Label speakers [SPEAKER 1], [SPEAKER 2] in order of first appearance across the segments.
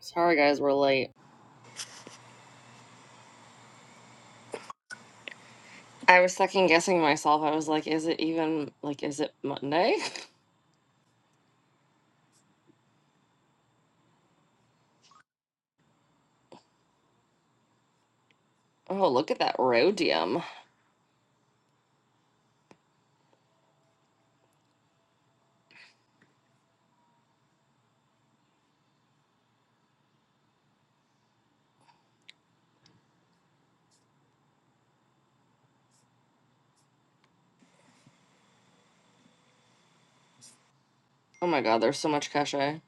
[SPEAKER 1] Sorry, guys, we're late. I was second guessing myself. I was like, is it even, like, is it Monday? Oh, look at that rhodium. Oh my god, there's so much cachet.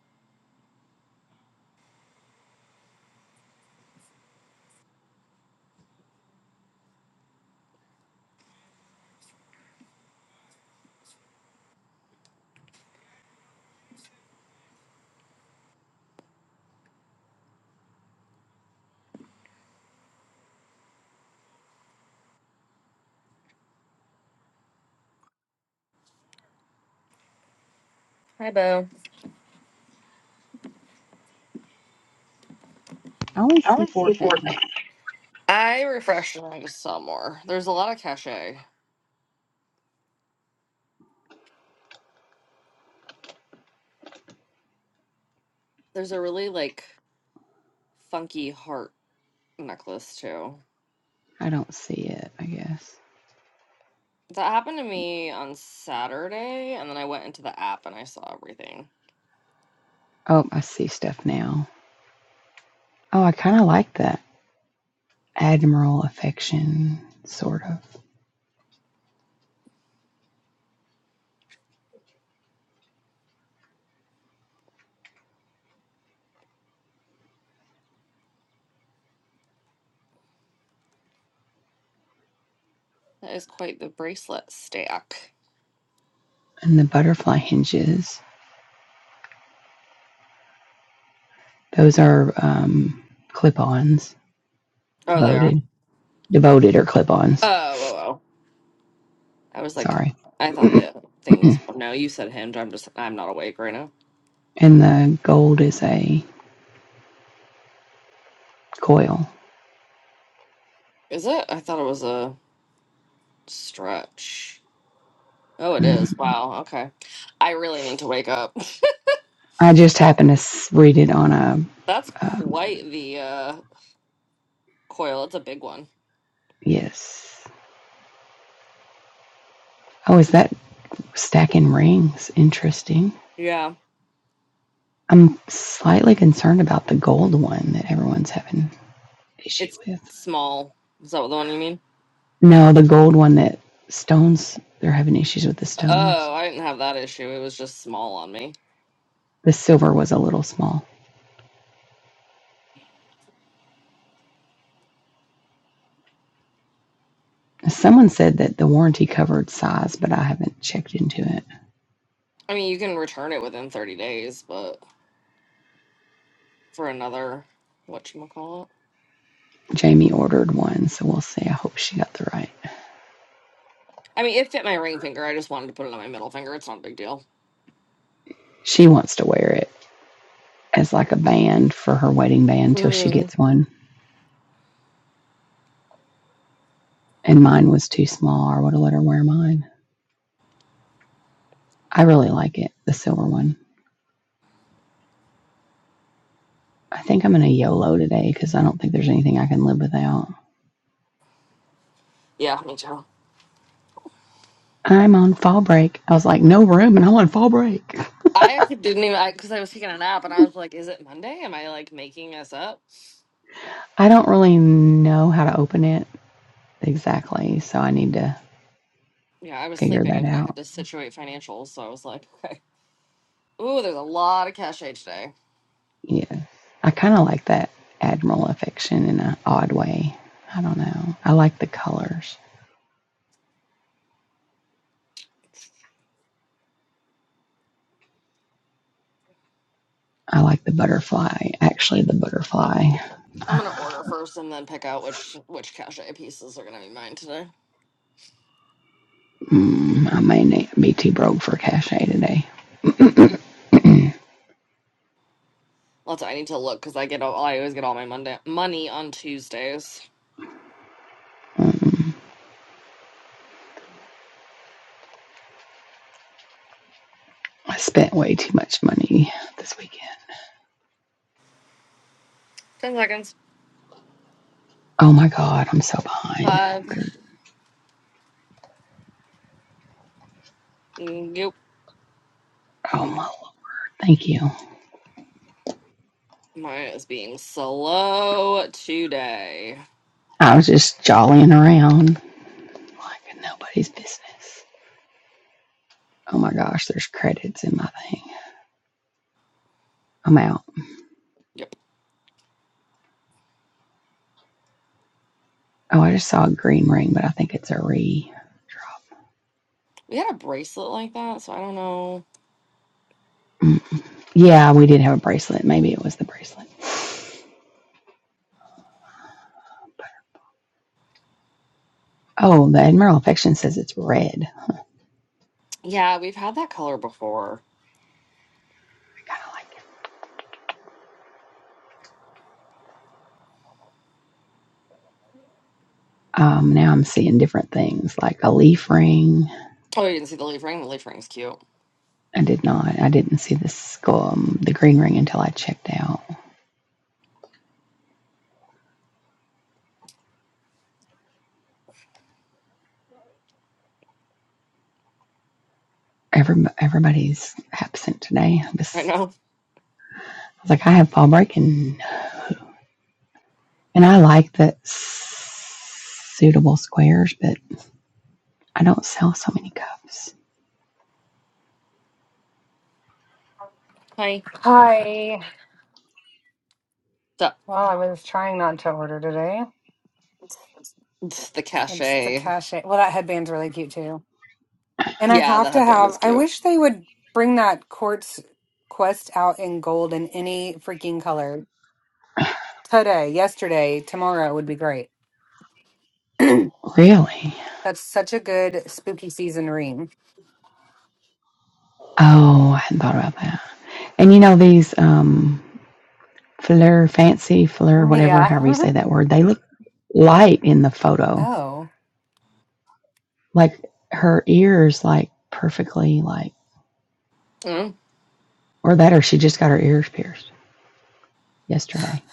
[SPEAKER 1] Hi, Bo.
[SPEAKER 2] I only
[SPEAKER 1] I
[SPEAKER 2] see
[SPEAKER 1] only
[SPEAKER 2] four
[SPEAKER 1] see
[SPEAKER 2] things.
[SPEAKER 1] four things. I refreshed and I just saw more. There's a lot of cachet. There's a really, like, funky heart necklace, too.
[SPEAKER 2] I don't see it, I guess.
[SPEAKER 1] That happened to me on Saturday, and then I went into the app and I saw everything.
[SPEAKER 2] Oh, I see stuff now. Oh, I kind of like that admiral affection, sort of.
[SPEAKER 1] That is quite the bracelet stack.
[SPEAKER 2] And the butterfly hinges. Those are um, clip-ons,
[SPEAKER 1] Oh, they are.
[SPEAKER 2] devoted, devoted or clip-ons.
[SPEAKER 1] Oh, whoa, I was like,
[SPEAKER 2] Sorry.
[SPEAKER 1] I thought the
[SPEAKER 2] and
[SPEAKER 1] things. No, you said hinge. I'm just, I'm not awake right now.
[SPEAKER 2] the gold is a coil.
[SPEAKER 1] Is it? I thought it was a stretch. Oh, it
[SPEAKER 2] Mm.
[SPEAKER 1] is. Wow. Okay. I really need to wake up.
[SPEAKER 2] I just happened to read it on a
[SPEAKER 1] That's
[SPEAKER 2] um,
[SPEAKER 1] quite the uh, coil. It's a big one.
[SPEAKER 2] yes. Oh, is that stacking rings? Interesting.
[SPEAKER 1] Yeah.
[SPEAKER 2] I'm slightly concerned about the gold one that everyone's having issue
[SPEAKER 1] It's
[SPEAKER 2] with.
[SPEAKER 1] small. Is that the one you mean?
[SPEAKER 2] No, the gold one that stones they're having issues with the stones.
[SPEAKER 1] Oh, I didn't have that issue. It was just small on me.
[SPEAKER 2] The silver was a little small. Someone said that the warranty covered size, but I haven't checked into it.
[SPEAKER 1] I mean, you can return it within 30 days, but for another, what you call it?
[SPEAKER 2] Jamie ordered one, so we'll see. I hope she got the right.
[SPEAKER 1] I mean, it fit my ring finger. I just wanted to put it on my middle finger. It's not a big deal.
[SPEAKER 2] She wants to wear it as like a band for her wedding band till she
[SPEAKER 1] Mm.
[SPEAKER 2] gets one. And mine was too small. I would have let her wear mine. I really like it, the silver one. I think I'm going to YOLO today because I don't think there's anything I can live without.
[SPEAKER 1] Yeah, me too.
[SPEAKER 2] I'm on fall break. I was like, no room, and I'm on fall break.
[SPEAKER 1] I actually didn't even because I, 'cause I was taking a nap and I was like, "Is it Monday? Am I like making this up?"
[SPEAKER 2] I don't really know how to open it exactly, so I need to
[SPEAKER 1] Yeah, I was
[SPEAKER 2] figure
[SPEAKER 1] sleeping
[SPEAKER 2] that
[SPEAKER 1] and then I had
[SPEAKER 2] out.
[SPEAKER 1] to situate financials, so I was like, "Okay, ooh, there's a lot of cachet today.
[SPEAKER 2] Yeah. I kind of like that admiral affection in an odd way. I don't know. I like the colors. I like the butterfly. Actually, the butterfly.
[SPEAKER 1] I'm gonna
[SPEAKER 2] Uh,
[SPEAKER 1] order first and then pick out which which cachet pieces are gonna be mine today."
[SPEAKER 2] Mm, I may be too broke for cachet today.
[SPEAKER 1] Also, I need to look because I get all I always get all my Monday money on Tuesdays.
[SPEAKER 2] Mm, I spent way too much money this weekend.
[SPEAKER 1] Ten seconds.
[SPEAKER 2] Oh my God, I'm so behind.
[SPEAKER 1] Five. mm, Yep. Oh
[SPEAKER 2] Oh
[SPEAKER 1] my,
[SPEAKER 2] my, thank you.
[SPEAKER 1] mine is being slow today.
[SPEAKER 2] I was just jollying around like nobody's business. Oh my gosh, there's credits in my thing. I'm out.
[SPEAKER 1] Yep.
[SPEAKER 2] Oh, I just saw a green ring, but I think it's a re.
[SPEAKER 1] We had a bracelet like that, so I don't know.
[SPEAKER 2] Mm. Yeah, we did have a bracelet. Maybe it was the bracelet. Oh, the Admiral Affection says it's red. Kind
[SPEAKER 1] Yeah, we've had that color before.
[SPEAKER 2] of like it. Um, now I'm seeing different things like a leaf ring.
[SPEAKER 1] Oh, you didn't see the leaf ring? The leaf ring's cute.
[SPEAKER 2] I did not. I didn't see the skull, um, the green ring until I checked out. every, everybody's absent today. I
[SPEAKER 1] I
[SPEAKER 2] was
[SPEAKER 1] know.
[SPEAKER 2] like, I have fall break, and and I like the suitable squares, but I don't sell so many cups.
[SPEAKER 1] Hi.
[SPEAKER 3] Hi.
[SPEAKER 1] The,
[SPEAKER 3] Well, I was trying not to order today.
[SPEAKER 1] the
[SPEAKER 3] It's the
[SPEAKER 1] cachet.
[SPEAKER 3] cachet. Well, that headband's really cute too. And I
[SPEAKER 1] Yeah, the
[SPEAKER 3] have to
[SPEAKER 1] headband is
[SPEAKER 3] have, I
[SPEAKER 1] cute.
[SPEAKER 3] wish they would bring that quartz quest out in gold in any freaking color. Today, yesterday, tomorrow would be great. That's
[SPEAKER 2] Really?
[SPEAKER 3] such a good spooky season ring.
[SPEAKER 2] Oh, I hadn't thought about that. And you know these um fleur, fancy fleur, whatever,
[SPEAKER 3] Yeah.
[SPEAKER 2] however you say that word, they look light in the photo.
[SPEAKER 3] Oh.
[SPEAKER 2] Like her ears, like perfectly like,
[SPEAKER 1] Mm.
[SPEAKER 2] or that, or she just got her ears pierced yesterday.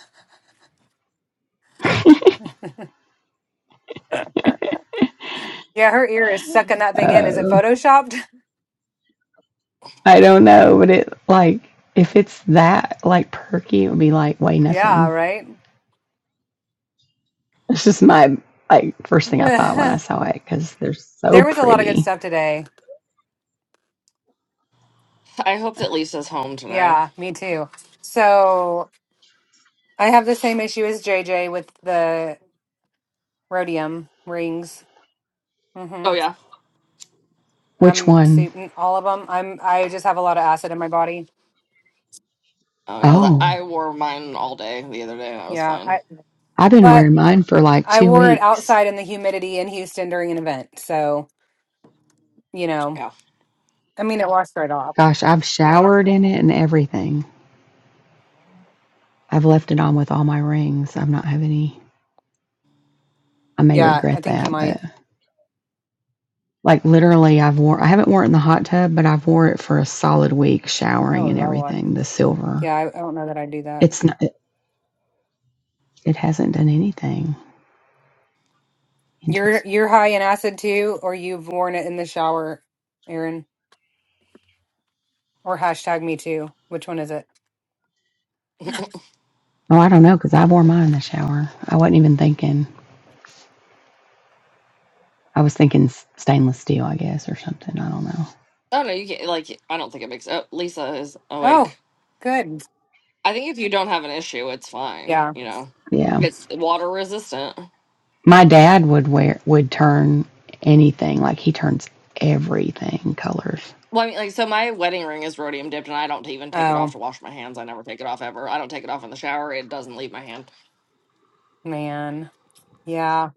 [SPEAKER 3] Yeah, her ear is sucking that thing in. Is it
[SPEAKER 2] Uh,
[SPEAKER 3] photoshopped?
[SPEAKER 2] I don't know, but it like if it's that like perky, it would be like way
[SPEAKER 3] Yeah,
[SPEAKER 2] nothing.
[SPEAKER 3] right?
[SPEAKER 2] It's just my like first thing I thought when I
[SPEAKER 3] there
[SPEAKER 2] saw it because they're so
[SPEAKER 3] was a lot of good
[SPEAKER 2] pretty.
[SPEAKER 3] stuff today.
[SPEAKER 1] I hope that Lisa's home today.
[SPEAKER 3] Yeah, me too. So. I have the same issue as JJ with the rhodium rings. hmm
[SPEAKER 1] Oh, yeah.
[SPEAKER 2] Which
[SPEAKER 3] I'm
[SPEAKER 2] one?
[SPEAKER 3] super, all of them. I'm I just have a lot of acid in my body.
[SPEAKER 1] Oh, yeah. that-
[SPEAKER 2] Oh,
[SPEAKER 1] I wore mine all day the other day and I was
[SPEAKER 3] Yeah,
[SPEAKER 1] fine.
[SPEAKER 3] I,
[SPEAKER 2] I've been
[SPEAKER 3] but
[SPEAKER 2] wearing mine for like
[SPEAKER 3] I
[SPEAKER 2] two
[SPEAKER 3] wore it
[SPEAKER 2] weeks.
[SPEAKER 3] outside in the humidity in Houston during an event, so you know,
[SPEAKER 1] Yeah.
[SPEAKER 3] I mean, it washed right off.
[SPEAKER 2] Gosh, I've showered in it and everything. I've left it on with all my rings. I'm not have any. I may
[SPEAKER 3] Yeah, I
[SPEAKER 2] regret
[SPEAKER 3] think you
[SPEAKER 2] that, but
[SPEAKER 3] might.
[SPEAKER 2] like literally, I've wore. I haven't worn it in the hot tub, but I've wore it for a solid week,
[SPEAKER 3] Oh
[SPEAKER 2] showering and
[SPEAKER 3] Lord.
[SPEAKER 2] everything. The silver.
[SPEAKER 3] Yeah, I, I don't know that I'd do that.
[SPEAKER 2] It's not. It, it hasn't done anything.
[SPEAKER 3] You're
[SPEAKER 2] Interesting.
[SPEAKER 3] you're high in acid too, or you've worn it in the shower, Aaron, or hashtag me too. Which one is it?
[SPEAKER 2] Oh, I don't know because I wore mine in the shower. I wasn't even thinking. I was thinking stainless steel, I guess, or something. I don't know.
[SPEAKER 1] Oh, no, you can't. Like, I don't think it makes. Oh, Lisa is
[SPEAKER 3] Oh,
[SPEAKER 1] awake.
[SPEAKER 3] good.
[SPEAKER 1] I think if you don't have an issue, it's fine.
[SPEAKER 3] Yeah.
[SPEAKER 1] You know,
[SPEAKER 2] Yeah,
[SPEAKER 1] it's water resistant.
[SPEAKER 2] my dad would wear would turn anything. Like he turns everything colors.
[SPEAKER 1] Well, I mean, like, so my wedding ring is rhodium dipped, and I don't even take it off
[SPEAKER 3] Oh.
[SPEAKER 1] to wash my hands. I never take it off ever. I don't take it off in the shower. It doesn't leave my hand.
[SPEAKER 3] Man. Yeah,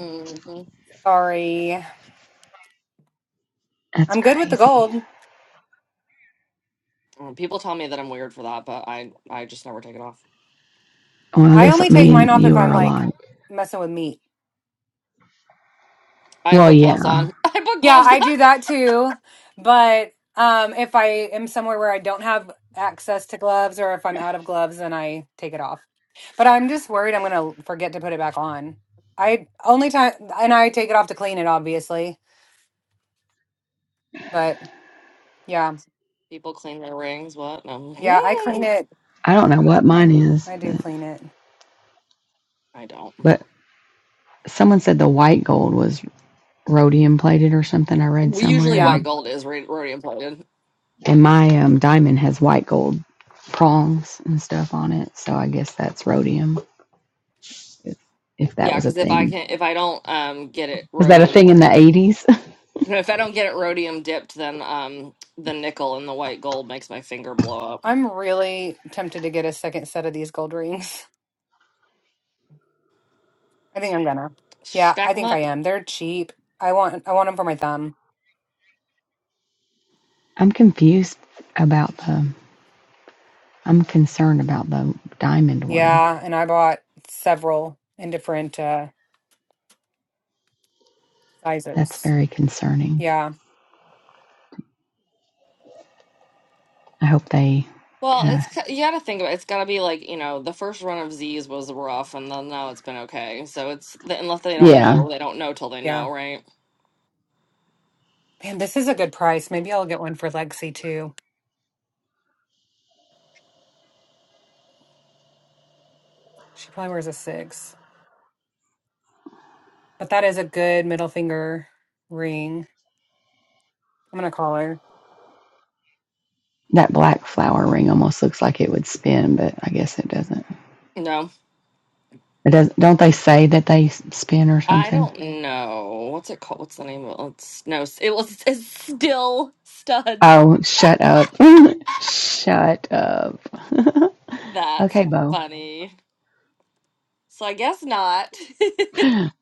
[SPEAKER 1] hmm
[SPEAKER 3] sorry.
[SPEAKER 2] That's
[SPEAKER 3] I'm good with the
[SPEAKER 2] crazy.
[SPEAKER 3] gold.
[SPEAKER 1] People tell me that I'm weird for that, but I I just never take it off.
[SPEAKER 2] Well, I
[SPEAKER 3] I
[SPEAKER 2] guess
[SPEAKER 3] only take
[SPEAKER 2] me and
[SPEAKER 3] mine off if
[SPEAKER 2] you
[SPEAKER 3] I'm
[SPEAKER 2] are
[SPEAKER 3] like
[SPEAKER 2] alike.
[SPEAKER 3] messing with meat.
[SPEAKER 1] I
[SPEAKER 2] Well,
[SPEAKER 1] put gloves
[SPEAKER 2] yeah.
[SPEAKER 1] on. I put
[SPEAKER 3] Yeah,
[SPEAKER 1] gloves on.
[SPEAKER 3] I do that too. But um if I am somewhere where I don't have access to gloves or if I'm out of gloves, then I take it off. But I'm just worried I'm gonna forget to put it back on. I only time and I take it off to clean it, obviously. But yeah,
[SPEAKER 1] People clean their rings. What? No,
[SPEAKER 3] yeah, I clean it.
[SPEAKER 2] I don't know what mine is,
[SPEAKER 3] I do
[SPEAKER 2] but,
[SPEAKER 3] clean it.
[SPEAKER 1] I don't.
[SPEAKER 2] but someone said the white gold was rhodium plated or something. I read
[SPEAKER 1] We- Usually,
[SPEAKER 2] somewhere,
[SPEAKER 3] Yeah.
[SPEAKER 2] and
[SPEAKER 1] white gold is rh- rhodium plated.
[SPEAKER 2] And my um, diamond has white gold prongs and stuff on it. So I guess that's rhodium, if, if that
[SPEAKER 1] Yeah,
[SPEAKER 2] was a
[SPEAKER 1] because if I
[SPEAKER 2] thing.
[SPEAKER 1] can, if I don't um get it
[SPEAKER 2] Was that a
[SPEAKER 1] rhodium,
[SPEAKER 2] thing in the 80s?
[SPEAKER 1] if I don't get it rhodium dipped, then um the nickel and the white gold makes my finger blow up.
[SPEAKER 3] I'm really tempted to get a second set of these gold rings. I think I'm gonna. Yeah,
[SPEAKER 1] Stack
[SPEAKER 3] I
[SPEAKER 1] 'em
[SPEAKER 3] think
[SPEAKER 1] up.
[SPEAKER 3] I am. They're cheap. I want I want them for my thumb.
[SPEAKER 2] I'm confused about the, I'm concerned about the diamond one.
[SPEAKER 3] Yeah, and I bought several in different uh
[SPEAKER 2] That's
[SPEAKER 3] sizes.
[SPEAKER 2] very concerning.
[SPEAKER 3] Yeah,
[SPEAKER 2] I hope they get
[SPEAKER 1] Well, it's
[SPEAKER 2] a,
[SPEAKER 1] ki- you got to think about it. has got to be like, you know, the first run of Z's was rough and then now it's been okay. So it's the, unless they don't
[SPEAKER 2] yeah,
[SPEAKER 1] know, they don't know till they know,
[SPEAKER 3] yeah.
[SPEAKER 1] right?
[SPEAKER 3] Man, this is a good price. Maybe I'll get one for Lexi too. She probably wears a six. But that is a good middle finger ring. I'm gonna call her.
[SPEAKER 2] that black flower ring almost looks like it would spin, but I guess it doesn't.
[SPEAKER 1] No.
[SPEAKER 2] It does, don't they say that they s- spin or
[SPEAKER 1] I
[SPEAKER 2] something?
[SPEAKER 1] don't know. What's it called? What's the name of it? It's, no, s- it was it's still studs.
[SPEAKER 2] Oh, shut up. shut up.
[SPEAKER 1] That's
[SPEAKER 2] Okay, Bo.
[SPEAKER 1] funny. So I guess not.
[SPEAKER 2] Okay,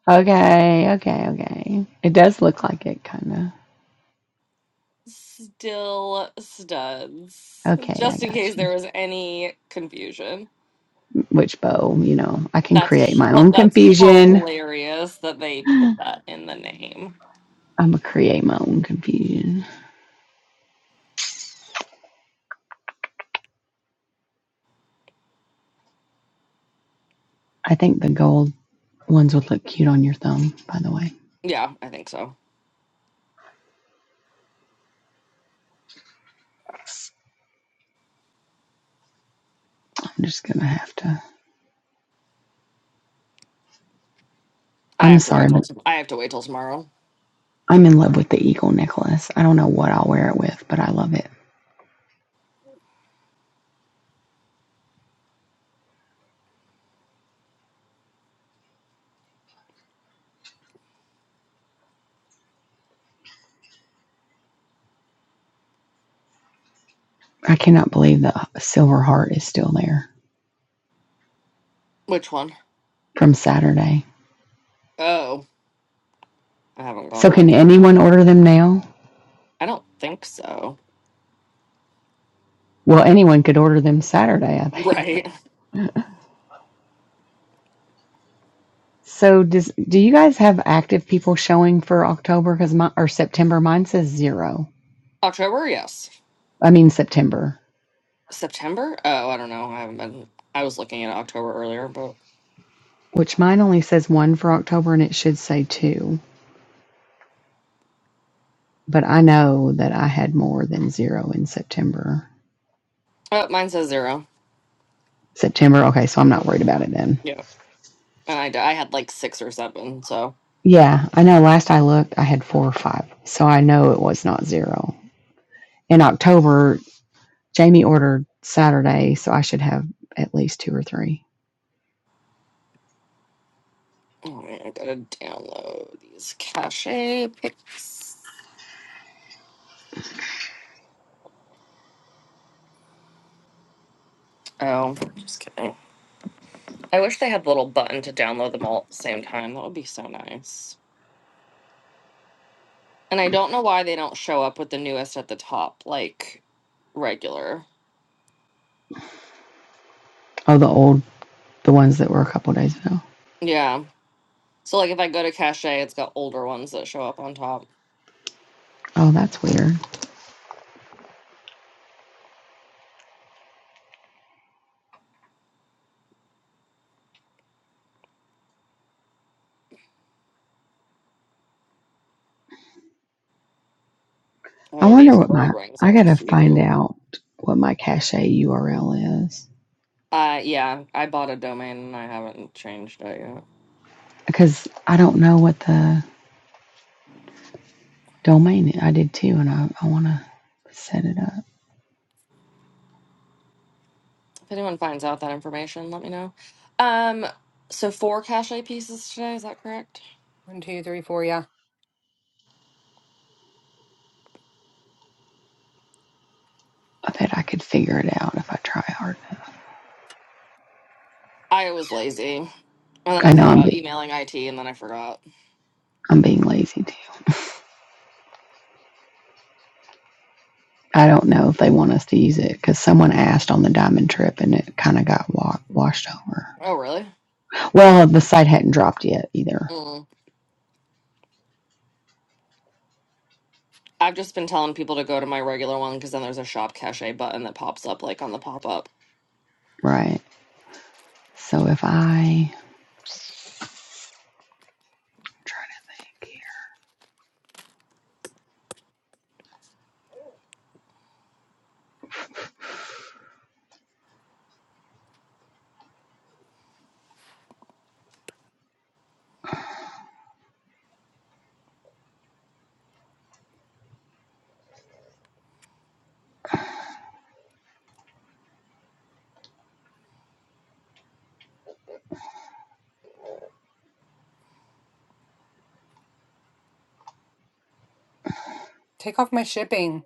[SPEAKER 2] okay, okay. It does look like it, kind
[SPEAKER 1] Still
[SPEAKER 2] of.
[SPEAKER 1] studs.
[SPEAKER 2] Okay, I
[SPEAKER 1] Just in
[SPEAKER 2] got
[SPEAKER 1] case there
[SPEAKER 2] you.
[SPEAKER 1] was any confusion.
[SPEAKER 2] Which bow? You know, I can create
[SPEAKER 1] That's
[SPEAKER 2] my
[SPEAKER 1] hu-
[SPEAKER 2] own
[SPEAKER 1] that's
[SPEAKER 2] confusion.
[SPEAKER 1] hilarious that they put
[SPEAKER 2] I'm
[SPEAKER 1] that in the name.
[SPEAKER 2] gonna create my own confusion. I think the gold ones would look cute on your thumb, by the way.
[SPEAKER 1] Yeah, I think so.
[SPEAKER 2] I'm just gonna have to.
[SPEAKER 1] I
[SPEAKER 2] I'm
[SPEAKER 1] have to wait
[SPEAKER 2] sorry,
[SPEAKER 1] till
[SPEAKER 2] but
[SPEAKER 1] tom- I have to wait till tomorrow.
[SPEAKER 2] I'm in love with the eagle necklace. I don't know what I'll wear it with, but I love it. I cannot believe the silver heart is still there
[SPEAKER 1] Which one?
[SPEAKER 2] from Saturday.
[SPEAKER 1] Oh, I haven't gone
[SPEAKER 2] So,
[SPEAKER 1] that
[SPEAKER 2] can
[SPEAKER 1] far. down.
[SPEAKER 2] anyone order them now?
[SPEAKER 1] I don't think so.
[SPEAKER 2] Well, anyone could order them Saturday, I think.
[SPEAKER 1] Right.
[SPEAKER 2] So, does do you guys have active people showing for October? Because my or September, mine says zero.
[SPEAKER 1] October, yes.
[SPEAKER 2] I mean September,
[SPEAKER 1] September? Oh, I don't know. I haven't been. I was looking at October earlier, but
[SPEAKER 2] which mine only says one for October, and it should say two. But I know that I had more than zero in September.
[SPEAKER 1] oh, mine says 0
[SPEAKER 2] September, okay, so I'm not worried
[SPEAKER 1] Mhm.
[SPEAKER 2] about it then.
[SPEAKER 1] Yeah, and I d- I had like six or seven. So
[SPEAKER 2] Yeah, I know. Last I looked, I had four or five, so I know it was not zero. in October, Jamie ordered Saturday, so I should have at least two or three.
[SPEAKER 1] oh, man, I gotta download these cache pics. Oh, just kidding. I wish they had the little button to download them all at the same time. That would be so nice. And I don't know why they don't show up with the newest at the top, like regular.
[SPEAKER 2] Oh, the old, the ones that were a couple days ago.
[SPEAKER 1] Yeah. So like if I go to Cachet, it's got older ones that show up on top.
[SPEAKER 2] Oh, that's weird. I
[SPEAKER 1] Oh,
[SPEAKER 2] wonder
[SPEAKER 1] these
[SPEAKER 2] what my,
[SPEAKER 1] gold rings
[SPEAKER 2] I
[SPEAKER 1] are
[SPEAKER 2] gotta
[SPEAKER 1] cute.
[SPEAKER 2] find out what my cache URL is
[SPEAKER 1] Uh yeah, I bought a domain and I haven't changed it yet.
[SPEAKER 2] because I don't know what the domain is. I did too, and I, I wanna set it up.
[SPEAKER 1] If anyone finds out that information, let me know. Um so four Cachet pieces today, is that correct?
[SPEAKER 3] One, two, three, four, yeah.
[SPEAKER 2] I bet I could figure it out if I try hard enough.
[SPEAKER 1] I was lazy. And then I
[SPEAKER 2] I know
[SPEAKER 1] thought
[SPEAKER 2] I'm,
[SPEAKER 1] about
[SPEAKER 2] be-
[SPEAKER 1] emailing IT and then I forgot.
[SPEAKER 2] I'm being lazy too. I don't know if they want us to use it because someone asked on the diamond trip and it kind of got wa- washed over.
[SPEAKER 1] Oh really?
[SPEAKER 2] Well, the site hadn't dropped yet either,
[SPEAKER 1] Mm. I've just been telling people to go to my regular one because then there's a shop cachet button that pops up like on the pop up.
[SPEAKER 2] right? So if I just trying to think
[SPEAKER 3] Take off my shipping.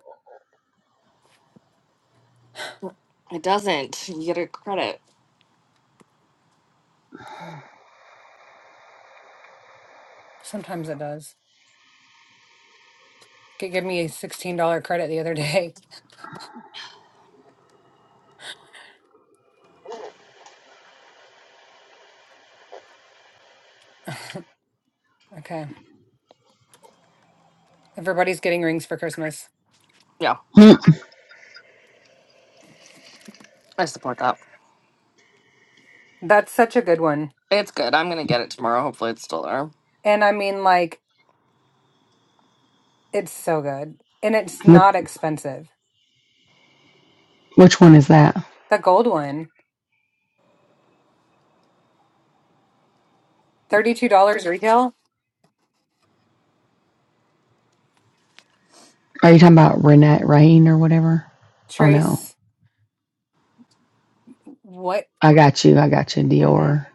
[SPEAKER 1] It doesn't. You get a credit.
[SPEAKER 3] Okay. Sometimes it does. It gave me a $16 credit the other day. Okay. Everybody's getting rings for Christmas.
[SPEAKER 1] Yeah,
[SPEAKER 2] here,
[SPEAKER 1] I support that.
[SPEAKER 3] That's such a good one.
[SPEAKER 1] It's good. I'm gonna get it tomorrow. Hopefully, it's still there.
[SPEAKER 3] And I mean, like, it's so good. And it's
[SPEAKER 2] hmm, which,
[SPEAKER 3] not expensive.
[SPEAKER 2] which one is that?
[SPEAKER 3] The gold one, thirty-two dollars retail.
[SPEAKER 2] Are you talking about Renette Rain or whatever? Oh no,
[SPEAKER 3] Trace, what?
[SPEAKER 2] I got you, I got you, Dior.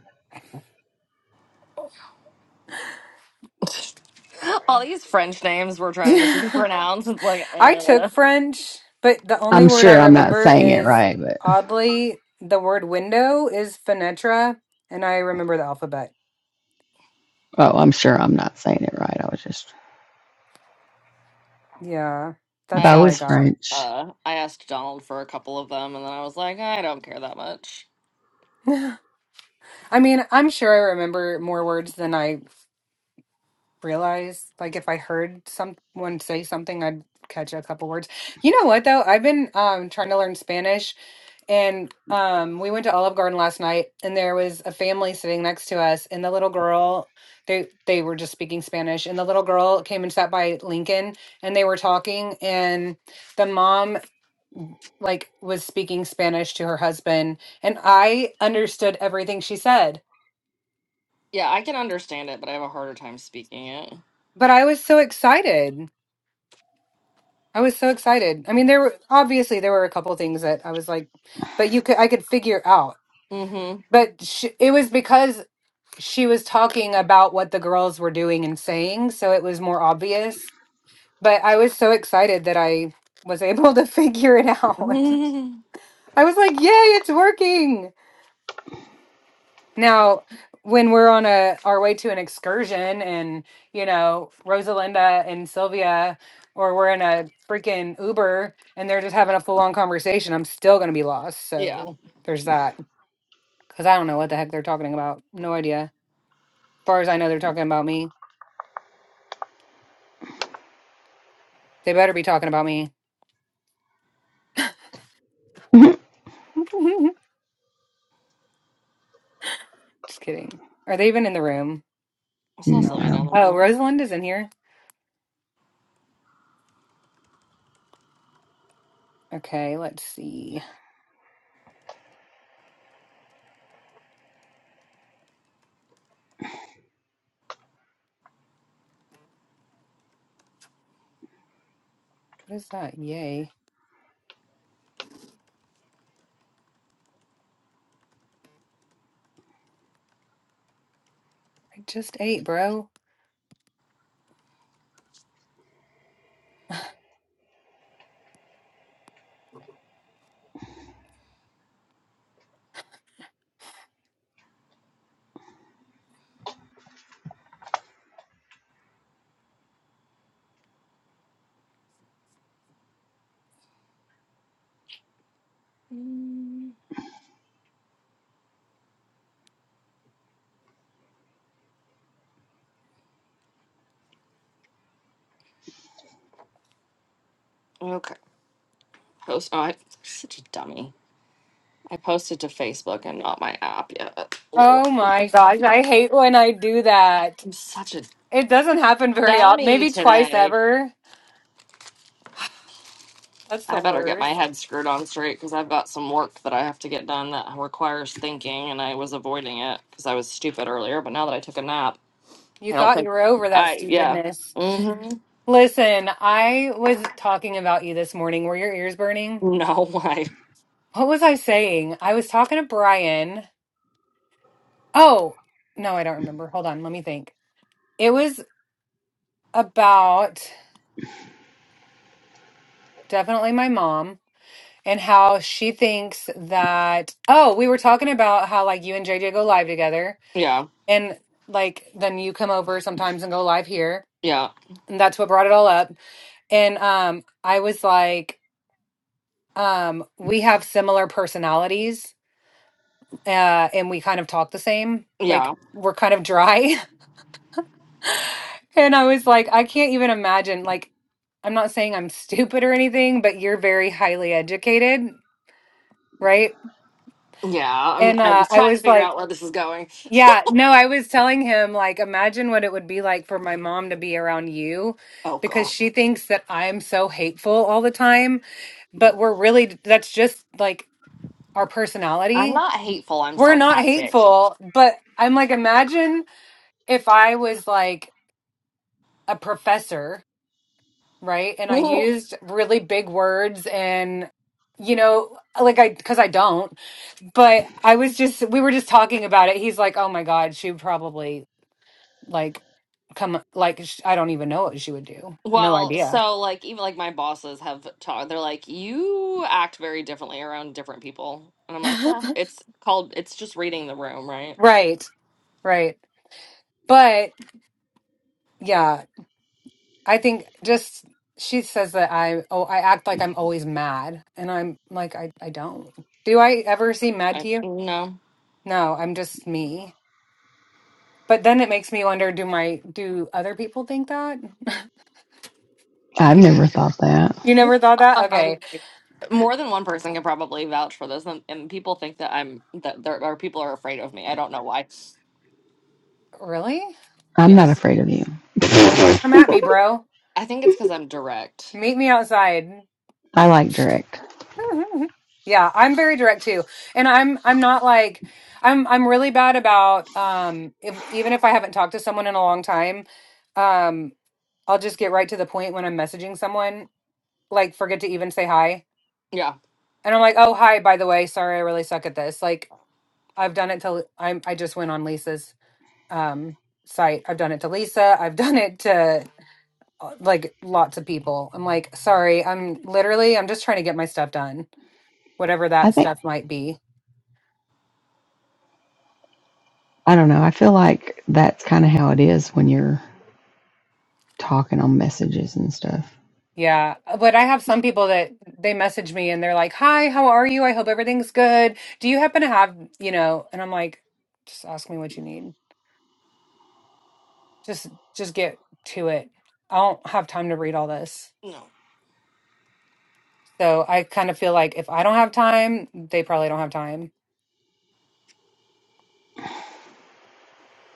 [SPEAKER 1] All these French names we're trying to
[SPEAKER 3] Mm-hmm.
[SPEAKER 1] pronounce. It's like
[SPEAKER 3] I took
[SPEAKER 1] uh,
[SPEAKER 3] French, but the only
[SPEAKER 2] I'm
[SPEAKER 3] word I
[SPEAKER 2] sure I'm not
[SPEAKER 3] remember
[SPEAKER 2] saying it
[SPEAKER 3] is
[SPEAKER 2] right, but
[SPEAKER 3] oddly the word window is fenetra, and I remember the alphabet.
[SPEAKER 2] oh, I'm sure I'm not saying it right. I was just
[SPEAKER 3] Yeah,
[SPEAKER 1] I
[SPEAKER 3] that's
[SPEAKER 2] Beau
[SPEAKER 3] all I
[SPEAKER 2] is
[SPEAKER 1] asked.
[SPEAKER 3] got.
[SPEAKER 2] French.
[SPEAKER 1] Uh, I asked Donald for a couple of them, and then I was like, I don't care that much.
[SPEAKER 3] I mean, I'm sure I remember more words than I realize like if I heard someone say something I'd catch a couple words. You know what though? I've been um trying to learn Spanish and um we went to Olive Garden last night and there was a family sitting next to us and the little girl they they were just speaking Spanish and the little girl came and sat by Lincoln and they were talking and the mom like was speaking Spanish to her husband and I understood everything she said.
[SPEAKER 1] Yeah, I can understand it, but I have a harder time speaking it.
[SPEAKER 3] But I was so excited. I was so excited. I mean, there were obviously there were a couple things that I was like, but you could I could figure out. But sh it was because she was talking about what the girls were doing and saying, so it was more obvious. But I was so excited that I was able to figure it out.
[SPEAKER 1] Mm-hmm.
[SPEAKER 3] I was like, "Yay, it's working!" Now, when we're on a our way to an excursion and, you know, Rosalinda and Sylvia or we're in a freaking Uber and they're just having a full-on conversation, I'm still going to be lost.
[SPEAKER 1] yeah,
[SPEAKER 3] So, there's that cuz I don't know what the heck they're talking about. No idea. As far as I know, they're talking about me. They better be talking about me. just kidding. Are they even in the room?
[SPEAKER 1] I saw
[SPEAKER 2] Mm, I
[SPEAKER 3] No.
[SPEAKER 1] Sylvia down
[SPEAKER 2] don't.
[SPEAKER 1] the
[SPEAKER 3] Oh,
[SPEAKER 1] road.
[SPEAKER 3] Rosalinda's in here. Okay, let's see. What is that? Yay. I just ate, bro.
[SPEAKER 1] Mm, Okay. Post. Oh, I, such a dummy. I posted to Facebook and not my app yet. Lord,
[SPEAKER 3] Oh my gosh, I hate when I do that.
[SPEAKER 1] I'm such a
[SPEAKER 3] It doesn't happen very often,
[SPEAKER 1] dummy
[SPEAKER 3] maybe twice
[SPEAKER 1] today.
[SPEAKER 3] ever. That's
[SPEAKER 1] I
[SPEAKER 3] the
[SPEAKER 1] better get my
[SPEAKER 3] worst.
[SPEAKER 1] head screwed on straight because I've got some work that I have to get done that requires thinking, and I was avoiding it because I was stupid earlier. But now that I took a nap,
[SPEAKER 3] You
[SPEAKER 1] I don't
[SPEAKER 3] thought
[SPEAKER 1] think
[SPEAKER 3] you were over that
[SPEAKER 1] I. Yeah.
[SPEAKER 3] stupidness.
[SPEAKER 1] Mm-hmm.
[SPEAKER 3] Listen, I was talking about you this morning. Were your ears burning?
[SPEAKER 1] No. I.
[SPEAKER 3] What was I saying? I was talking to Brian. Oh, no, I don't remember. Hold on, let me think. It was about definitely my mom and how she thinks that, oh, we were talking about how like you and JJ go live together
[SPEAKER 1] Yeah.
[SPEAKER 3] and like then you come over sometimes and go live here
[SPEAKER 1] Yeah.
[SPEAKER 3] and that's what brought it all up and um i was like um we have similar personalities uh and we kind of talk the same like
[SPEAKER 1] Yeah.
[SPEAKER 3] we're kind of dry and i was like i can't even imagine like i'm not saying i'm stupid or anything but you're very highly educated right
[SPEAKER 1] Yeah. I'm.
[SPEAKER 3] and
[SPEAKER 1] I'm
[SPEAKER 3] uh i
[SPEAKER 1] trying to
[SPEAKER 3] was
[SPEAKER 1] figure
[SPEAKER 3] like
[SPEAKER 1] out where this is going.
[SPEAKER 3] Yeah, no, I was telling him, like, imagine what it would be like for my mom to be around you
[SPEAKER 1] Oh
[SPEAKER 3] because
[SPEAKER 1] gosh.
[SPEAKER 3] she thinks that I'm so hateful all the time. But we're really, that's just like our
[SPEAKER 1] I'm
[SPEAKER 3] personality.
[SPEAKER 1] not hateful. I'm
[SPEAKER 3] We're not
[SPEAKER 1] sarcastic.
[SPEAKER 3] hateful, but I'm like, imagine if I was like a professor, right? And I used really big words and, you know, like I, because I don't, but I was just, we were just talking about it. He's like, oh my God, she would probably like come like sh- I don't even know what she would do. No
[SPEAKER 1] Well,
[SPEAKER 3] idea.
[SPEAKER 1] so like even like my bosses have talked, they're like, you act very differently around different people. And I'm like, yeah, it's called, it's just reading the room, right?
[SPEAKER 3] Right. Right. But yeah, I think just she says that I oh I act like I'm always mad and I'm like I I don't. Do I ever seem mad
[SPEAKER 1] I
[SPEAKER 3] to you?
[SPEAKER 1] no.
[SPEAKER 3] No, I'm just me. But then it makes me wonder do my do other people think that?
[SPEAKER 2] I've
[SPEAKER 1] People,
[SPEAKER 2] never thought that.
[SPEAKER 3] You never thought that?
[SPEAKER 1] um,
[SPEAKER 3] Okay.
[SPEAKER 1] more than one person can probably vouch for this, and, and people think that I'm that there are people are afraid of me. I don't know why.
[SPEAKER 3] Really?
[SPEAKER 2] I'm not
[SPEAKER 1] Yes,
[SPEAKER 2] afraid of you.
[SPEAKER 3] Come at me, bro.
[SPEAKER 1] I think it's because I'm direct.
[SPEAKER 3] Meet me outside.
[SPEAKER 2] I like direct.
[SPEAKER 3] yeah, I'm very direct too. And I'm I'm not like I'm I'm really bad about um if even if I haven't talked to someone in a long time, um I'll just get right to the point when I'm messaging someone, like forget to even say hi.
[SPEAKER 1] Yeah,
[SPEAKER 3] And I'm like, "Oh, hi, by the way. Sorry, I really suck at this." Like I've done it till I'm I just went on Lisa's um site. I've done it to Lisa. I've done it to uh, like lots of people. I'm like, "Sorry, I'm literally I'm just trying to get my stuff done." Whatever
[SPEAKER 2] I
[SPEAKER 3] that
[SPEAKER 2] think
[SPEAKER 3] stuff might be.
[SPEAKER 2] I don't know. I feel like that's kind of how it is when you're talking on messages and stuff.
[SPEAKER 3] Yeah, uh, but I have some people that they message me and they're like, "Hi, how are you? I hope everything's good. Do you happen to have, you know?" And I'm like, "Just ask me what you need. Just just get to it. I don't have time to read all this."
[SPEAKER 1] no,
[SPEAKER 3] So I kind of feel like if I don't have time, they probably don't have time.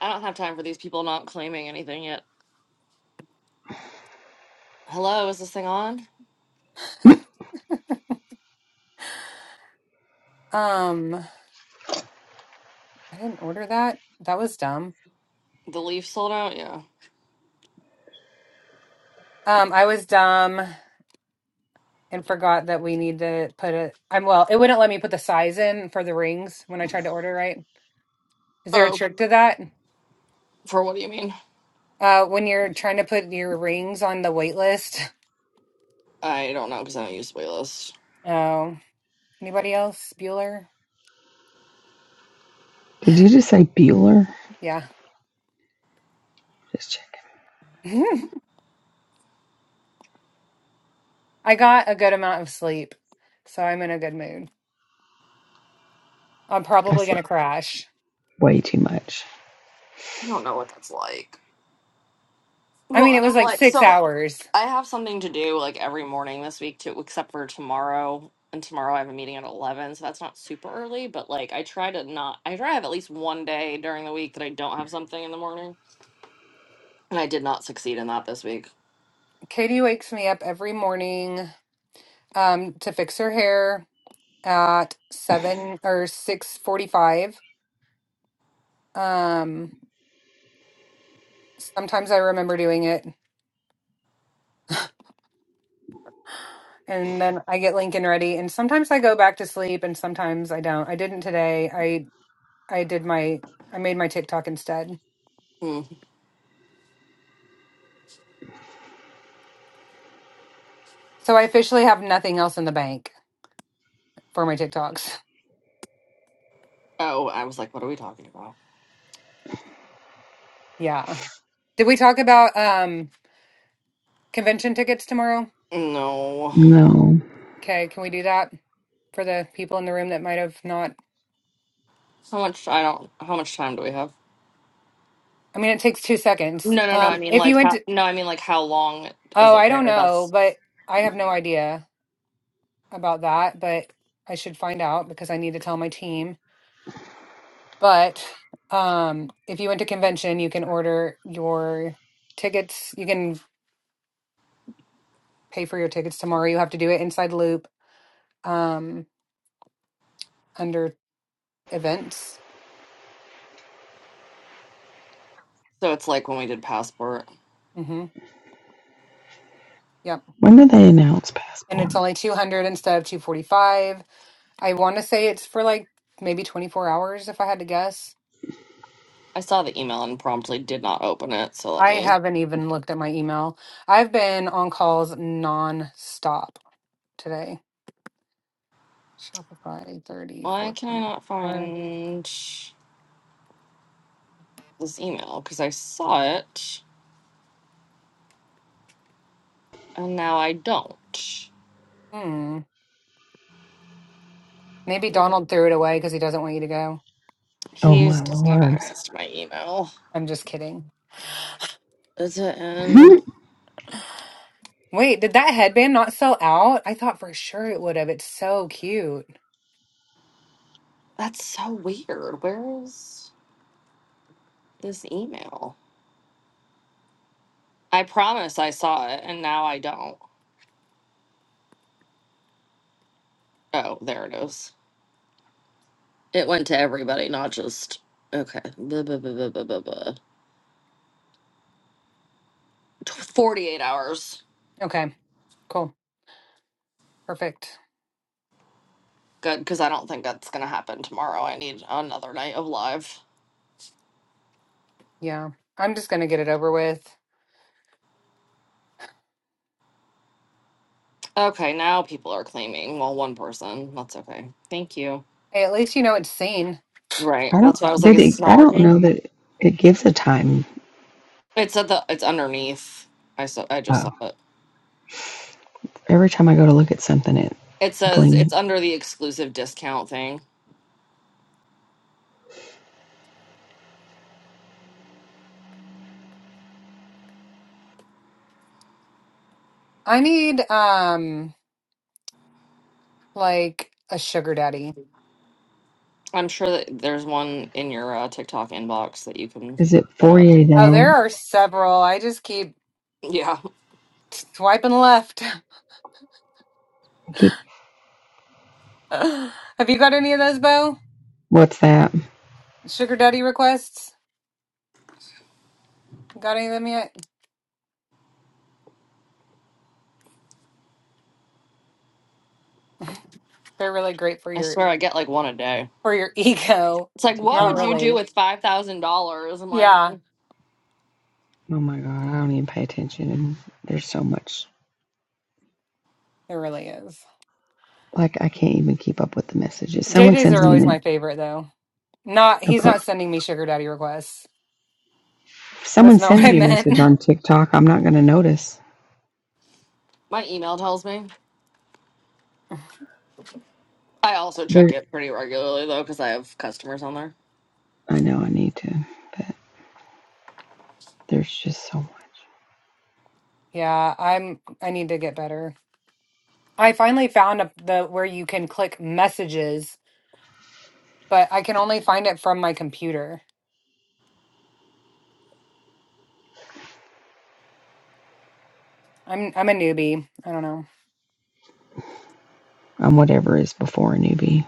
[SPEAKER 1] I don't have time for these people not claiming anything yet. Hello, is this thing on?
[SPEAKER 3] Um, I didn't order that. That was dumb.
[SPEAKER 1] The Leafs sold out. Yeah.
[SPEAKER 3] Um, I was dumb. and forgot that we need to put it. I'm well, it wouldn't let me put the size in for the rings when I tried to order, right? Is there a
[SPEAKER 1] Oh,
[SPEAKER 3] trick to that?
[SPEAKER 1] for what do you mean?
[SPEAKER 3] Uh, when you're trying to put your rings on the wait list.
[SPEAKER 1] I don't know because I don't use Playlist.
[SPEAKER 3] Oh, anybody else? Bueller?
[SPEAKER 2] Did you just say Bueller?
[SPEAKER 3] Yeah.
[SPEAKER 2] Just check.
[SPEAKER 3] I got a good amount of sleep, so I'm in a good mood. I'm
[SPEAKER 2] I
[SPEAKER 3] probably gonna
[SPEAKER 2] slept
[SPEAKER 3] crash.
[SPEAKER 2] way too much.
[SPEAKER 1] I don't know what that's like.
[SPEAKER 3] I
[SPEAKER 1] Well,
[SPEAKER 3] mean, it
[SPEAKER 1] and
[SPEAKER 3] was
[SPEAKER 1] I'm
[SPEAKER 3] like
[SPEAKER 1] like,
[SPEAKER 3] six
[SPEAKER 1] so
[SPEAKER 3] hours.
[SPEAKER 1] I have something to do like every morning this week too, except for tomorrow. And tomorrow I have a meeting at eleven, so that's not super early. But like, I try to not. I try to have at least one day during the week that I don't have something in the morning, and I did not succeed in that this week.
[SPEAKER 3] Katie wakes me up every morning um, to fix her hair at seven or six forty-five. Um. Sometimes I remember doing it and then I get Lincoln ready and sometimes I go back to sleep and sometimes I don't. I didn't today. I I did my I made my TikTok instead.
[SPEAKER 1] Mm.
[SPEAKER 3] So I officially have nothing else in the bank for my TikToks.
[SPEAKER 1] Oh, I was like, what are we talking about?
[SPEAKER 3] Yeah. Did we talk about um convention tickets tomorrow?
[SPEAKER 1] No.
[SPEAKER 2] No.
[SPEAKER 3] Okay, can we do that for the people in the room that might have not
[SPEAKER 1] How much? I don't. How much time do we have?
[SPEAKER 3] I mean it takes 2 seconds.
[SPEAKER 1] No, no, no. I
[SPEAKER 3] Um
[SPEAKER 1] mean,
[SPEAKER 3] if you
[SPEAKER 1] like,
[SPEAKER 3] went
[SPEAKER 1] how,
[SPEAKER 3] to,
[SPEAKER 1] no. I mean, like, how long is
[SPEAKER 3] Oh,
[SPEAKER 1] it
[SPEAKER 3] I don't
[SPEAKER 1] there?
[SPEAKER 3] know,
[SPEAKER 1] That's
[SPEAKER 3] but I have no idea about that, but I should find out because I need to tell my team. But um, if you went to convention, you can order your tickets. You can pay for your tickets tomorrow. You have to do it inside Loop um, under events.
[SPEAKER 1] so. It's like when we did passport.
[SPEAKER 3] Mm-hmm. Yep.
[SPEAKER 2] When did they announce
[SPEAKER 3] And
[SPEAKER 2] passport?
[SPEAKER 3] it's only 200 instead of 245. I want to say it's for like maybe 24 hours if I had to guess.
[SPEAKER 1] I saw the email and promptly did not open it, so let
[SPEAKER 3] I
[SPEAKER 1] me.
[SPEAKER 3] haven't even looked at my email. I've been on calls non-stop today. Shopify 30,
[SPEAKER 1] Why can I not find this email? Because I saw it and now I don't.
[SPEAKER 3] Hmm. Maybe Donald threw it away because he doesn't want you to go.
[SPEAKER 2] Oh
[SPEAKER 1] He
[SPEAKER 2] my
[SPEAKER 1] doesn't have
[SPEAKER 2] lord.
[SPEAKER 1] access to my email.
[SPEAKER 3] I'm just kidding.
[SPEAKER 1] Is it in?
[SPEAKER 3] Wait, did that headband not sell out? I thought for sure it would have. It's so cute.
[SPEAKER 1] That's so weird. Where is this email? I promise I saw it and now I don't. Oh, there it is. It went to everybody, not just. Okay. Blah, blah, blah, blah, blah, blah, blah. 48 hours.
[SPEAKER 3] Okay, cool. Perfect.
[SPEAKER 1] Good, because I don't think that's going to happen tomorrow. I need another night of live.
[SPEAKER 3] Yeah. I'm just gonna get it over with.
[SPEAKER 1] Okay, now people are claiming. Well, one person. That's okay. Thank you.
[SPEAKER 3] Hey, at least you know it's seen.
[SPEAKER 1] Right.
[SPEAKER 2] I don't
[SPEAKER 1] That's why I was like,
[SPEAKER 2] did it
[SPEAKER 1] it's not
[SPEAKER 2] I don't
[SPEAKER 1] working.
[SPEAKER 2] know that it gives a time.
[SPEAKER 1] It said the. It's underneath. I saw. I just
[SPEAKER 2] Oh.
[SPEAKER 1] saw it.
[SPEAKER 2] Every time I go to look at something it
[SPEAKER 1] It says
[SPEAKER 2] bling
[SPEAKER 1] it's under the exclusive discount thing.
[SPEAKER 3] I need um like a sugar daddy.
[SPEAKER 1] I'm sure that there's one in your uh, TikTok inbox that you can
[SPEAKER 2] is it
[SPEAKER 1] hit
[SPEAKER 2] forty
[SPEAKER 1] up.
[SPEAKER 2] eight
[SPEAKER 3] Oh,
[SPEAKER 2] hours?
[SPEAKER 3] there are several. I just keep
[SPEAKER 1] Yeah,
[SPEAKER 3] swiping left.
[SPEAKER 2] I keep
[SPEAKER 3] Have you got any of those, Bo?
[SPEAKER 2] what's that?
[SPEAKER 3] Sugar daddy requests? Got any of them yet? They're really great for
[SPEAKER 1] I
[SPEAKER 3] your
[SPEAKER 1] swear I get like one a day.
[SPEAKER 3] for your ego.
[SPEAKER 1] It's like, what
[SPEAKER 3] Not
[SPEAKER 1] would
[SPEAKER 2] TikTok.
[SPEAKER 1] you do
[SPEAKER 3] really.
[SPEAKER 1] with five thousand dollars? I'm like,
[SPEAKER 3] Yeah,
[SPEAKER 2] Oh my god, I don't even pay attention and there's so much
[SPEAKER 3] it really is.
[SPEAKER 2] like I can't even keep up with the messages. Someone
[SPEAKER 3] JJ's
[SPEAKER 2] sends
[SPEAKER 3] are
[SPEAKER 2] me
[SPEAKER 3] always my
[SPEAKER 2] an
[SPEAKER 3] favorite though. Not
[SPEAKER 2] a,
[SPEAKER 3] he's
[SPEAKER 2] po-
[SPEAKER 3] not sending me sugar daddy requests. That's
[SPEAKER 2] someone
[SPEAKER 3] not what
[SPEAKER 2] sends
[SPEAKER 3] I
[SPEAKER 2] me a
[SPEAKER 3] meant.
[SPEAKER 2] message on TikTok, I'm not gonna notice.
[SPEAKER 1] my email tells me. I also check
[SPEAKER 2] There,
[SPEAKER 1] it pretty regularly though, because I have customers on there.
[SPEAKER 2] I know I need to, but there's just someone.
[SPEAKER 3] Yeah, I'm I need to get better. I finally found a, the where you can click messages, but I can only find it from my computer. I'm I'm a newbie. I don't know.
[SPEAKER 2] I'm whatever is before a newbie.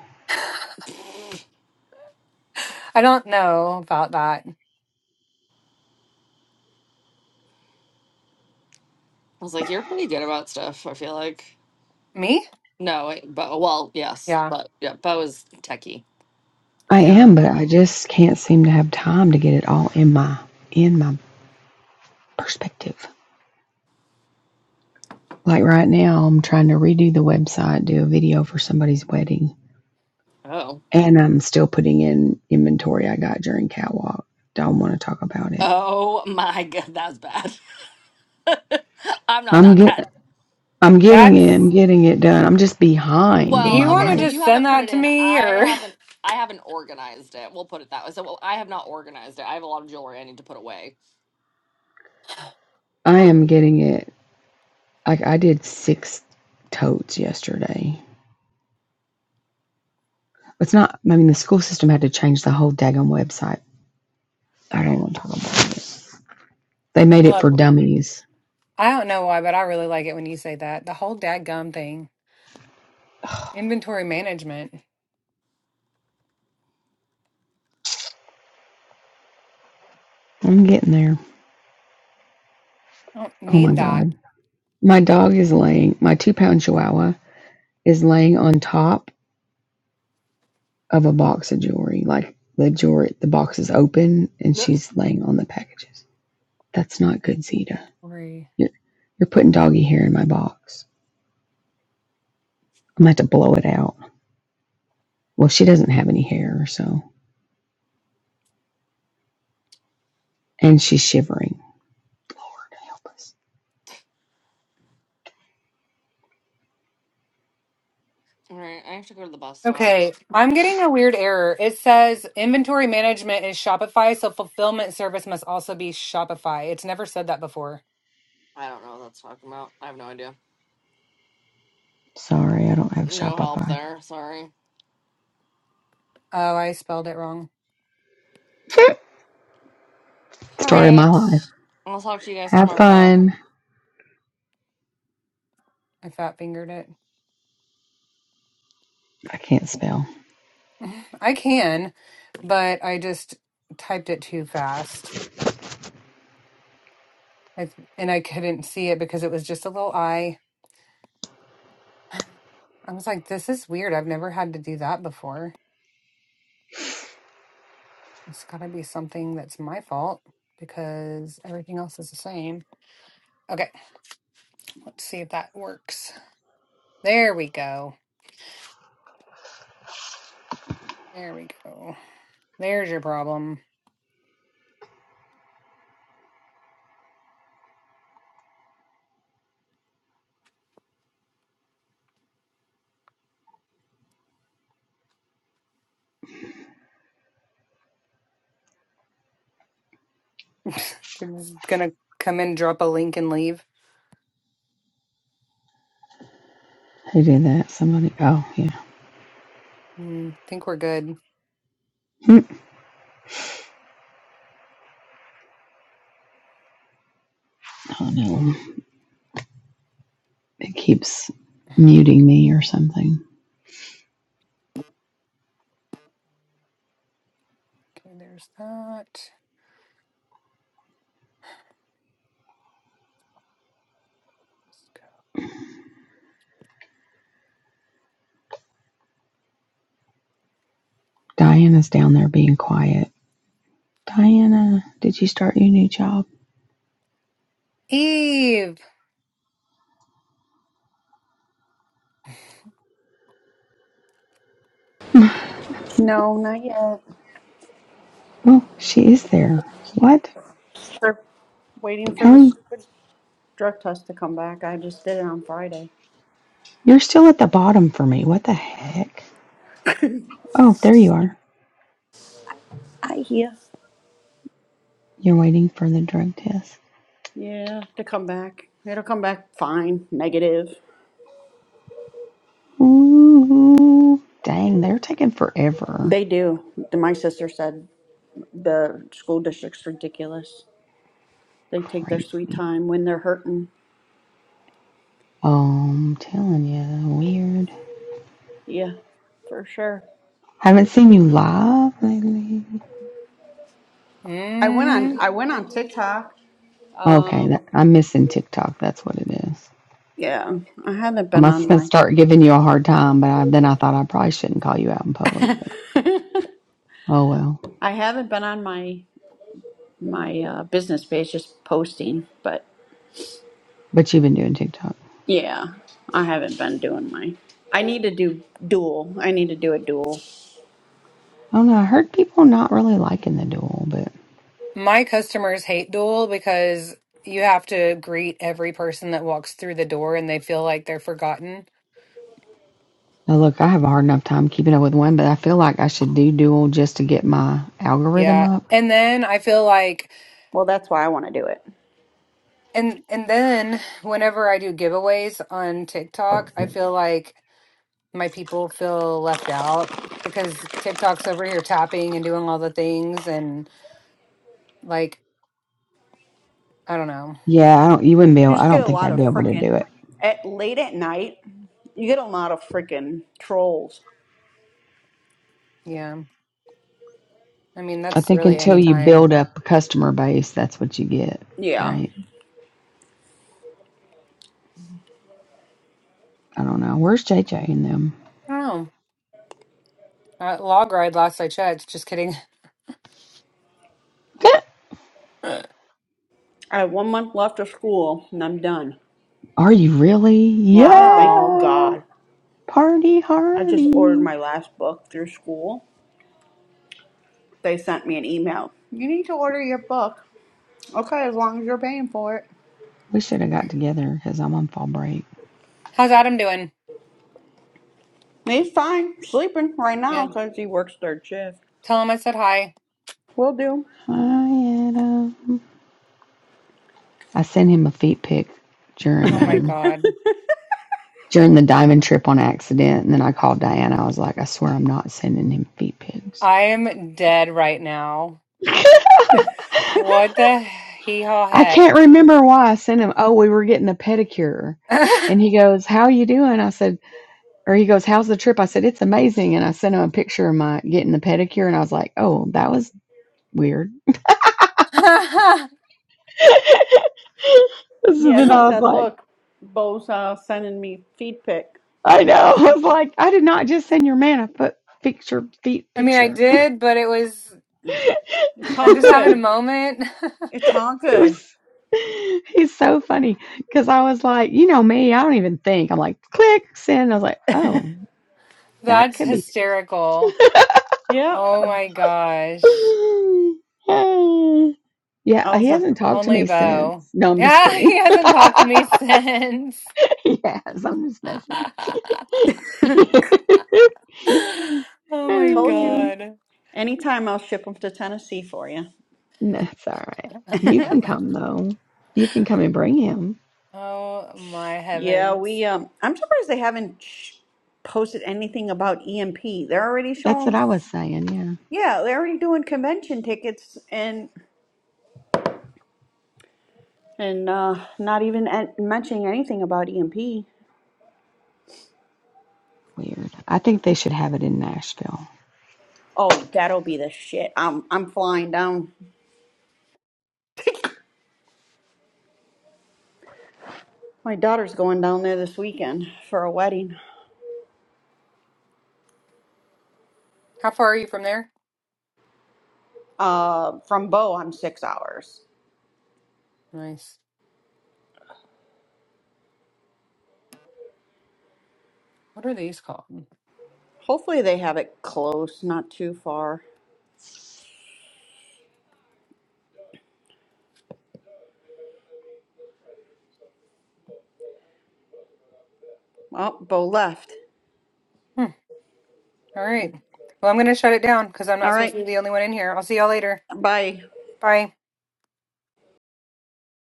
[SPEAKER 3] I don't know about that.
[SPEAKER 1] I was like, you're pretty good about stuff. I feel like
[SPEAKER 3] Me?
[SPEAKER 1] no, wait, but well, yes,
[SPEAKER 3] Yeah.
[SPEAKER 1] but yeah, Bo is techie.
[SPEAKER 2] I am,
[SPEAKER 3] Yeah.
[SPEAKER 2] but I just can't seem to have time to get it all in my in my perspective. Like right now, I'm trying to redo the website, do a video for somebody's wedding,
[SPEAKER 1] Oh,
[SPEAKER 2] and I'm still putting in inventory I got during catwalk. Don't want to talk about it.
[SPEAKER 1] oh my god, that's bad. I'm not
[SPEAKER 2] I'm
[SPEAKER 1] that bad.
[SPEAKER 2] get I'm getting it, I'm
[SPEAKER 3] That's
[SPEAKER 2] getting it done. I'm just behind
[SPEAKER 3] Do
[SPEAKER 2] in
[SPEAKER 1] Well,
[SPEAKER 3] you
[SPEAKER 2] my
[SPEAKER 3] want
[SPEAKER 1] okay,
[SPEAKER 3] to
[SPEAKER 1] so
[SPEAKER 2] life.
[SPEAKER 1] you
[SPEAKER 3] just send
[SPEAKER 1] haven't put it
[SPEAKER 3] that to
[SPEAKER 1] in.
[SPEAKER 3] me
[SPEAKER 1] I
[SPEAKER 3] or
[SPEAKER 1] haven't. I haven't organized it. We'll put it that way. So well, I have not organized it. I have a lot of jewelry I need to put away.
[SPEAKER 2] I am getting it. Like I did six totes yesterday It's not, I mean, the school system had to change the whole daggone website. I don't want to talk about it. They made
[SPEAKER 3] I
[SPEAKER 2] it for
[SPEAKER 3] love
[SPEAKER 2] dummies.
[SPEAKER 3] I don't know why, but I really like it when you say that. The whole dadgum thing. Inventory management.
[SPEAKER 2] I'm getting there.
[SPEAKER 3] I don't
[SPEAKER 2] Oh my
[SPEAKER 3] need that.
[SPEAKER 2] God. My dog is laying, my two pound chihuahua is laying on top of a box of jewelry. Like the jewelry, the box is open and
[SPEAKER 1] Ugh.
[SPEAKER 2] she's laying on the packages. That's not good, Zeta.
[SPEAKER 3] Worry.
[SPEAKER 2] You're, you're putting doggy hair in my box. I'm going to have to blow it out. Well, she doesn't have any hair, or so. And she's shivering. Lord help us.
[SPEAKER 1] All right, I have to go to the bus stop.
[SPEAKER 3] Okay, I'm getting a weird error. It says inventory management is Shopify, so fulfillment service must also be Shopify. It's never said that before.
[SPEAKER 1] I don't know what that's talking about. I have no idea.
[SPEAKER 2] Sorry, I don't have
[SPEAKER 1] No help
[SPEAKER 2] Shopify.
[SPEAKER 1] there. Sorry.
[SPEAKER 3] Oh, I spelled it wrong.
[SPEAKER 1] All
[SPEAKER 2] Story of
[SPEAKER 1] right.
[SPEAKER 2] my life.
[SPEAKER 1] I'll talk to you guys
[SPEAKER 2] Have
[SPEAKER 1] tomorrow.
[SPEAKER 2] fun.
[SPEAKER 3] I fat fingered it.
[SPEAKER 2] I can't spell.
[SPEAKER 3] I can, but I just typed it too fast. I, and I couldn't see it because it was just a little I. I was like, this is weird. I've never had to do that before. It's got to be something that's my fault because everything else is the same. Okay, let's see if that works. There we go. There we go. There's your problem. it's gonna come in, drop a link, and leave.
[SPEAKER 2] Who did that? Somebody. Oh, yeah.
[SPEAKER 3] Mm, think we're good.
[SPEAKER 2] Hmm. Oh, no. It keeps muting me or something.
[SPEAKER 3] Okay, there's that. Let's go.
[SPEAKER 2] Diana's down there being quiet. Diana, did you start your new job?
[SPEAKER 3] Eve.
[SPEAKER 2] oh,
[SPEAKER 4] No, not yet.
[SPEAKER 2] she is there. What?
[SPEAKER 4] They're waiting for
[SPEAKER 2] How
[SPEAKER 4] the
[SPEAKER 2] are you?
[SPEAKER 4] stupid drug test to come back. I just did it on Friday.
[SPEAKER 2] You're still at the bottom for me. What the heck? Oh, there you are.
[SPEAKER 4] I hear.
[SPEAKER 2] You're waiting for the drug test.
[SPEAKER 4] Yeah, to come back. It'll come back fine, negative.
[SPEAKER 2] Ooh, dang, they're taking forever.
[SPEAKER 4] They do. My sister said the school district's ridiculous. They take their sweet
[SPEAKER 2] Crazy.
[SPEAKER 4] time when they're hurting.
[SPEAKER 2] Oh, I'm telling you, weird.
[SPEAKER 4] Yeah, for sure.
[SPEAKER 2] Haven't seen you live lately.
[SPEAKER 4] I went on
[SPEAKER 3] Mm,
[SPEAKER 4] I went on TikTok.
[SPEAKER 2] Okay,
[SPEAKER 4] Um
[SPEAKER 2] that, I'm missing TikTok. That's what it is.
[SPEAKER 4] yeah, I haven't
[SPEAKER 2] I I'm
[SPEAKER 4] been
[SPEAKER 2] just
[SPEAKER 4] on
[SPEAKER 2] gonna
[SPEAKER 4] my
[SPEAKER 2] start giving you a hard time, but I, then I thought I probably shouldn't call you out in public. But oh well.
[SPEAKER 4] I haven't been on my my uh, business page, just posting. But
[SPEAKER 2] But you've been doing TikTok.
[SPEAKER 4] yeah, I haven't been doing my. I need to do dual. I need to do a dual.
[SPEAKER 2] I don't know. I heard people not really liking the duel, but
[SPEAKER 3] my customers hate Duel because you have to greet every person that walks through the door, and they feel like they're forgotten.
[SPEAKER 2] now look, I have a hard enough time keeping up with one. But I feel like I should do duel just to get my algorithm
[SPEAKER 3] Yeah,
[SPEAKER 2] up.
[SPEAKER 3] and then I feel like,
[SPEAKER 4] Well, that's why I want to do it.
[SPEAKER 3] and and then whenever I do giveaways on TikTok, I feel like my people feel left out because TikTok's over here tapping and doing all the things and like I don't know.
[SPEAKER 2] Yeah, I don't. You wouldn't be. Able,
[SPEAKER 4] You
[SPEAKER 2] I
[SPEAKER 4] just get
[SPEAKER 2] don't
[SPEAKER 4] a
[SPEAKER 2] think
[SPEAKER 4] lot
[SPEAKER 2] I'd
[SPEAKER 4] of
[SPEAKER 2] be able to do
[SPEAKER 4] freaking
[SPEAKER 2] it.
[SPEAKER 4] at late at night. You get a lot of freaking trolls.
[SPEAKER 3] Yeah. I mean
[SPEAKER 2] I
[SPEAKER 3] that's
[SPEAKER 2] think
[SPEAKER 3] really
[SPEAKER 2] until
[SPEAKER 3] any
[SPEAKER 2] you
[SPEAKER 3] time.
[SPEAKER 2] build up a customer base, that's what you get,
[SPEAKER 4] Yeah,
[SPEAKER 2] right? I don't know. Where's JJ in them?
[SPEAKER 3] I don't know. Uh, log ride last I checked. Just kidding.
[SPEAKER 4] I have one month left of school and I'm done.
[SPEAKER 2] Are you really?
[SPEAKER 4] Yes, thank
[SPEAKER 3] wow.
[SPEAKER 2] Yeah.
[SPEAKER 4] God.
[SPEAKER 2] Party
[SPEAKER 4] I just ordered
[SPEAKER 2] hardy.
[SPEAKER 4] my last book through school. They sent me an email. You need to order your book. Okay, as long as you're paying for it.
[SPEAKER 2] We should have got together because I'm on fall break.
[SPEAKER 3] How's Adam doing?
[SPEAKER 4] He's fine, sleeping right now
[SPEAKER 3] Yeah.
[SPEAKER 4] because he works third shift.
[SPEAKER 3] Tell him I said hi.
[SPEAKER 4] Will do.
[SPEAKER 2] Hi, Adam. I sent him a feet pic during
[SPEAKER 3] Oh my
[SPEAKER 2] um
[SPEAKER 3] god.
[SPEAKER 2] during the diamond trip on accident, and then I called Diana. I was like, I swear I'm not sending him feet pics.
[SPEAKER 3] I am dead right now. What the hee haw
[SPEAKER 2] I
[SPEAKER 3] heck?
[SPEAKER 2] can't remember why I sent him. Oh, we were getting a pedicure. And he goes, How you doing? I said, or he goes, How's the trip? I said, It's amazing. And I sent him a picture of my getting the pedicure. And I was like, Oh, that was weird.
[SPEAKER 3] I
[SPEAKER 2] So
[SPEAKER 4] Yeah,
[SPEAKER 2] then
[SPEAKER 4] he
[SPEAKER 2] I was
[SPEAKER 4] said,
[SPEAKER 2] like,
[SPEAKER 4] look, Bo's uh, sending me feed pic.
[SPEAKER 2] I know. I
[SPEAKER 4] Awesome.
[SPEAKER 2] was like, I did not just send your man a foot picture, feet
[SPEAKER 3] mean I
[SPEAKER 2] picture.
[SPEAKER 3] did, but it was
[SPEAKER 4] It's
[SPEAKER 3] I'm
[SPEAKER 4] all
[SPEAKER 3] just having a
[SPEAKER 2] it
[SPEAKER 4] good.
[SPEAKER 3] moment.
[SPEAKER 4] It's all
[SPEAKER 2] was,
[SPEAKER 4] good.
[SPEAKER 2] he's so funny because I was like, you know me, I don't even think. I'm like, click, send. I was like, oh, that
[SPEAKER 3] That's
[SPEAKER 2] could be.
[SPEAKER 3] hysterical.
[SPEAKER 4] Yep.
[SPEAKER 3] Oh my gosh.
[SPEAKER 4] I
[SPEAKER 2] yeah, he
[SPEAKER 4] was, uh,
[SPEAKER 2] hasn't talked to
[SPEAKER 3] Only
[SPEAKER 2] me since.
[SPEAKER 3] Bo.
[SPEAKER 2] No, I'm just
[SPEAKER 3] Yeah,
[SPEAKER 2] kidding.
[SPEAKER 3] he hasn't talked to me since.
[SPEAKER 2] yes, I'm just messing.
[SPEAKER 3] Oh my
[SPEAKER 4] told you.
[SPEAKER 3] God.
[SPEAKER 4] Anytime I'll ship them to Tennessee for you.
[SPEAKER 2] That's all right. You can come though. You can come and bring him.
[SPEAKER 3] Oh my
[SPEAKER 4] Yeah,
[SPEAKER 3] heavens.
[SPEAKER 4] we, um, I'm surprised they haven't sh- posted anything about EMP. They're already
[SPEAKER 2] That's what
[SPEAKER 4] showing,
[SPEAKER 2] I was saying. Yeah.
[SPEAKER 4] yeah, they're already doing convention tickets and, and, uh, not even en- mentioning anything about EMP.
[SPEAKER 2] Weird. I think they should have it in Nashville.
[SPEAKER 4] Oh, that'll be the shit. I'm I'm flying down. My daughter's going down there this weekend for a wedding.
[SPEAKER 3] How far are you from there?
[SPEAKER 4] Uh, from Bo, I'm six hours.
[SPEAKER 3] Nice. What are these called?
[SPEAKER 4] Hopefully they have it close, not too far. Oh, Bo left.
[SPEAKER 3] Hmm. All right. Well, I'm going to shut it down because I'm
[SPEAKER 4] All
[SPEAKER 3] not supposed
[SPEAKER 4] right,
[SPEAKER 3] to be the only one in here. I'll see y'all later.
[SPEAKER 4] bye.
[SPEAKER 3] Bye.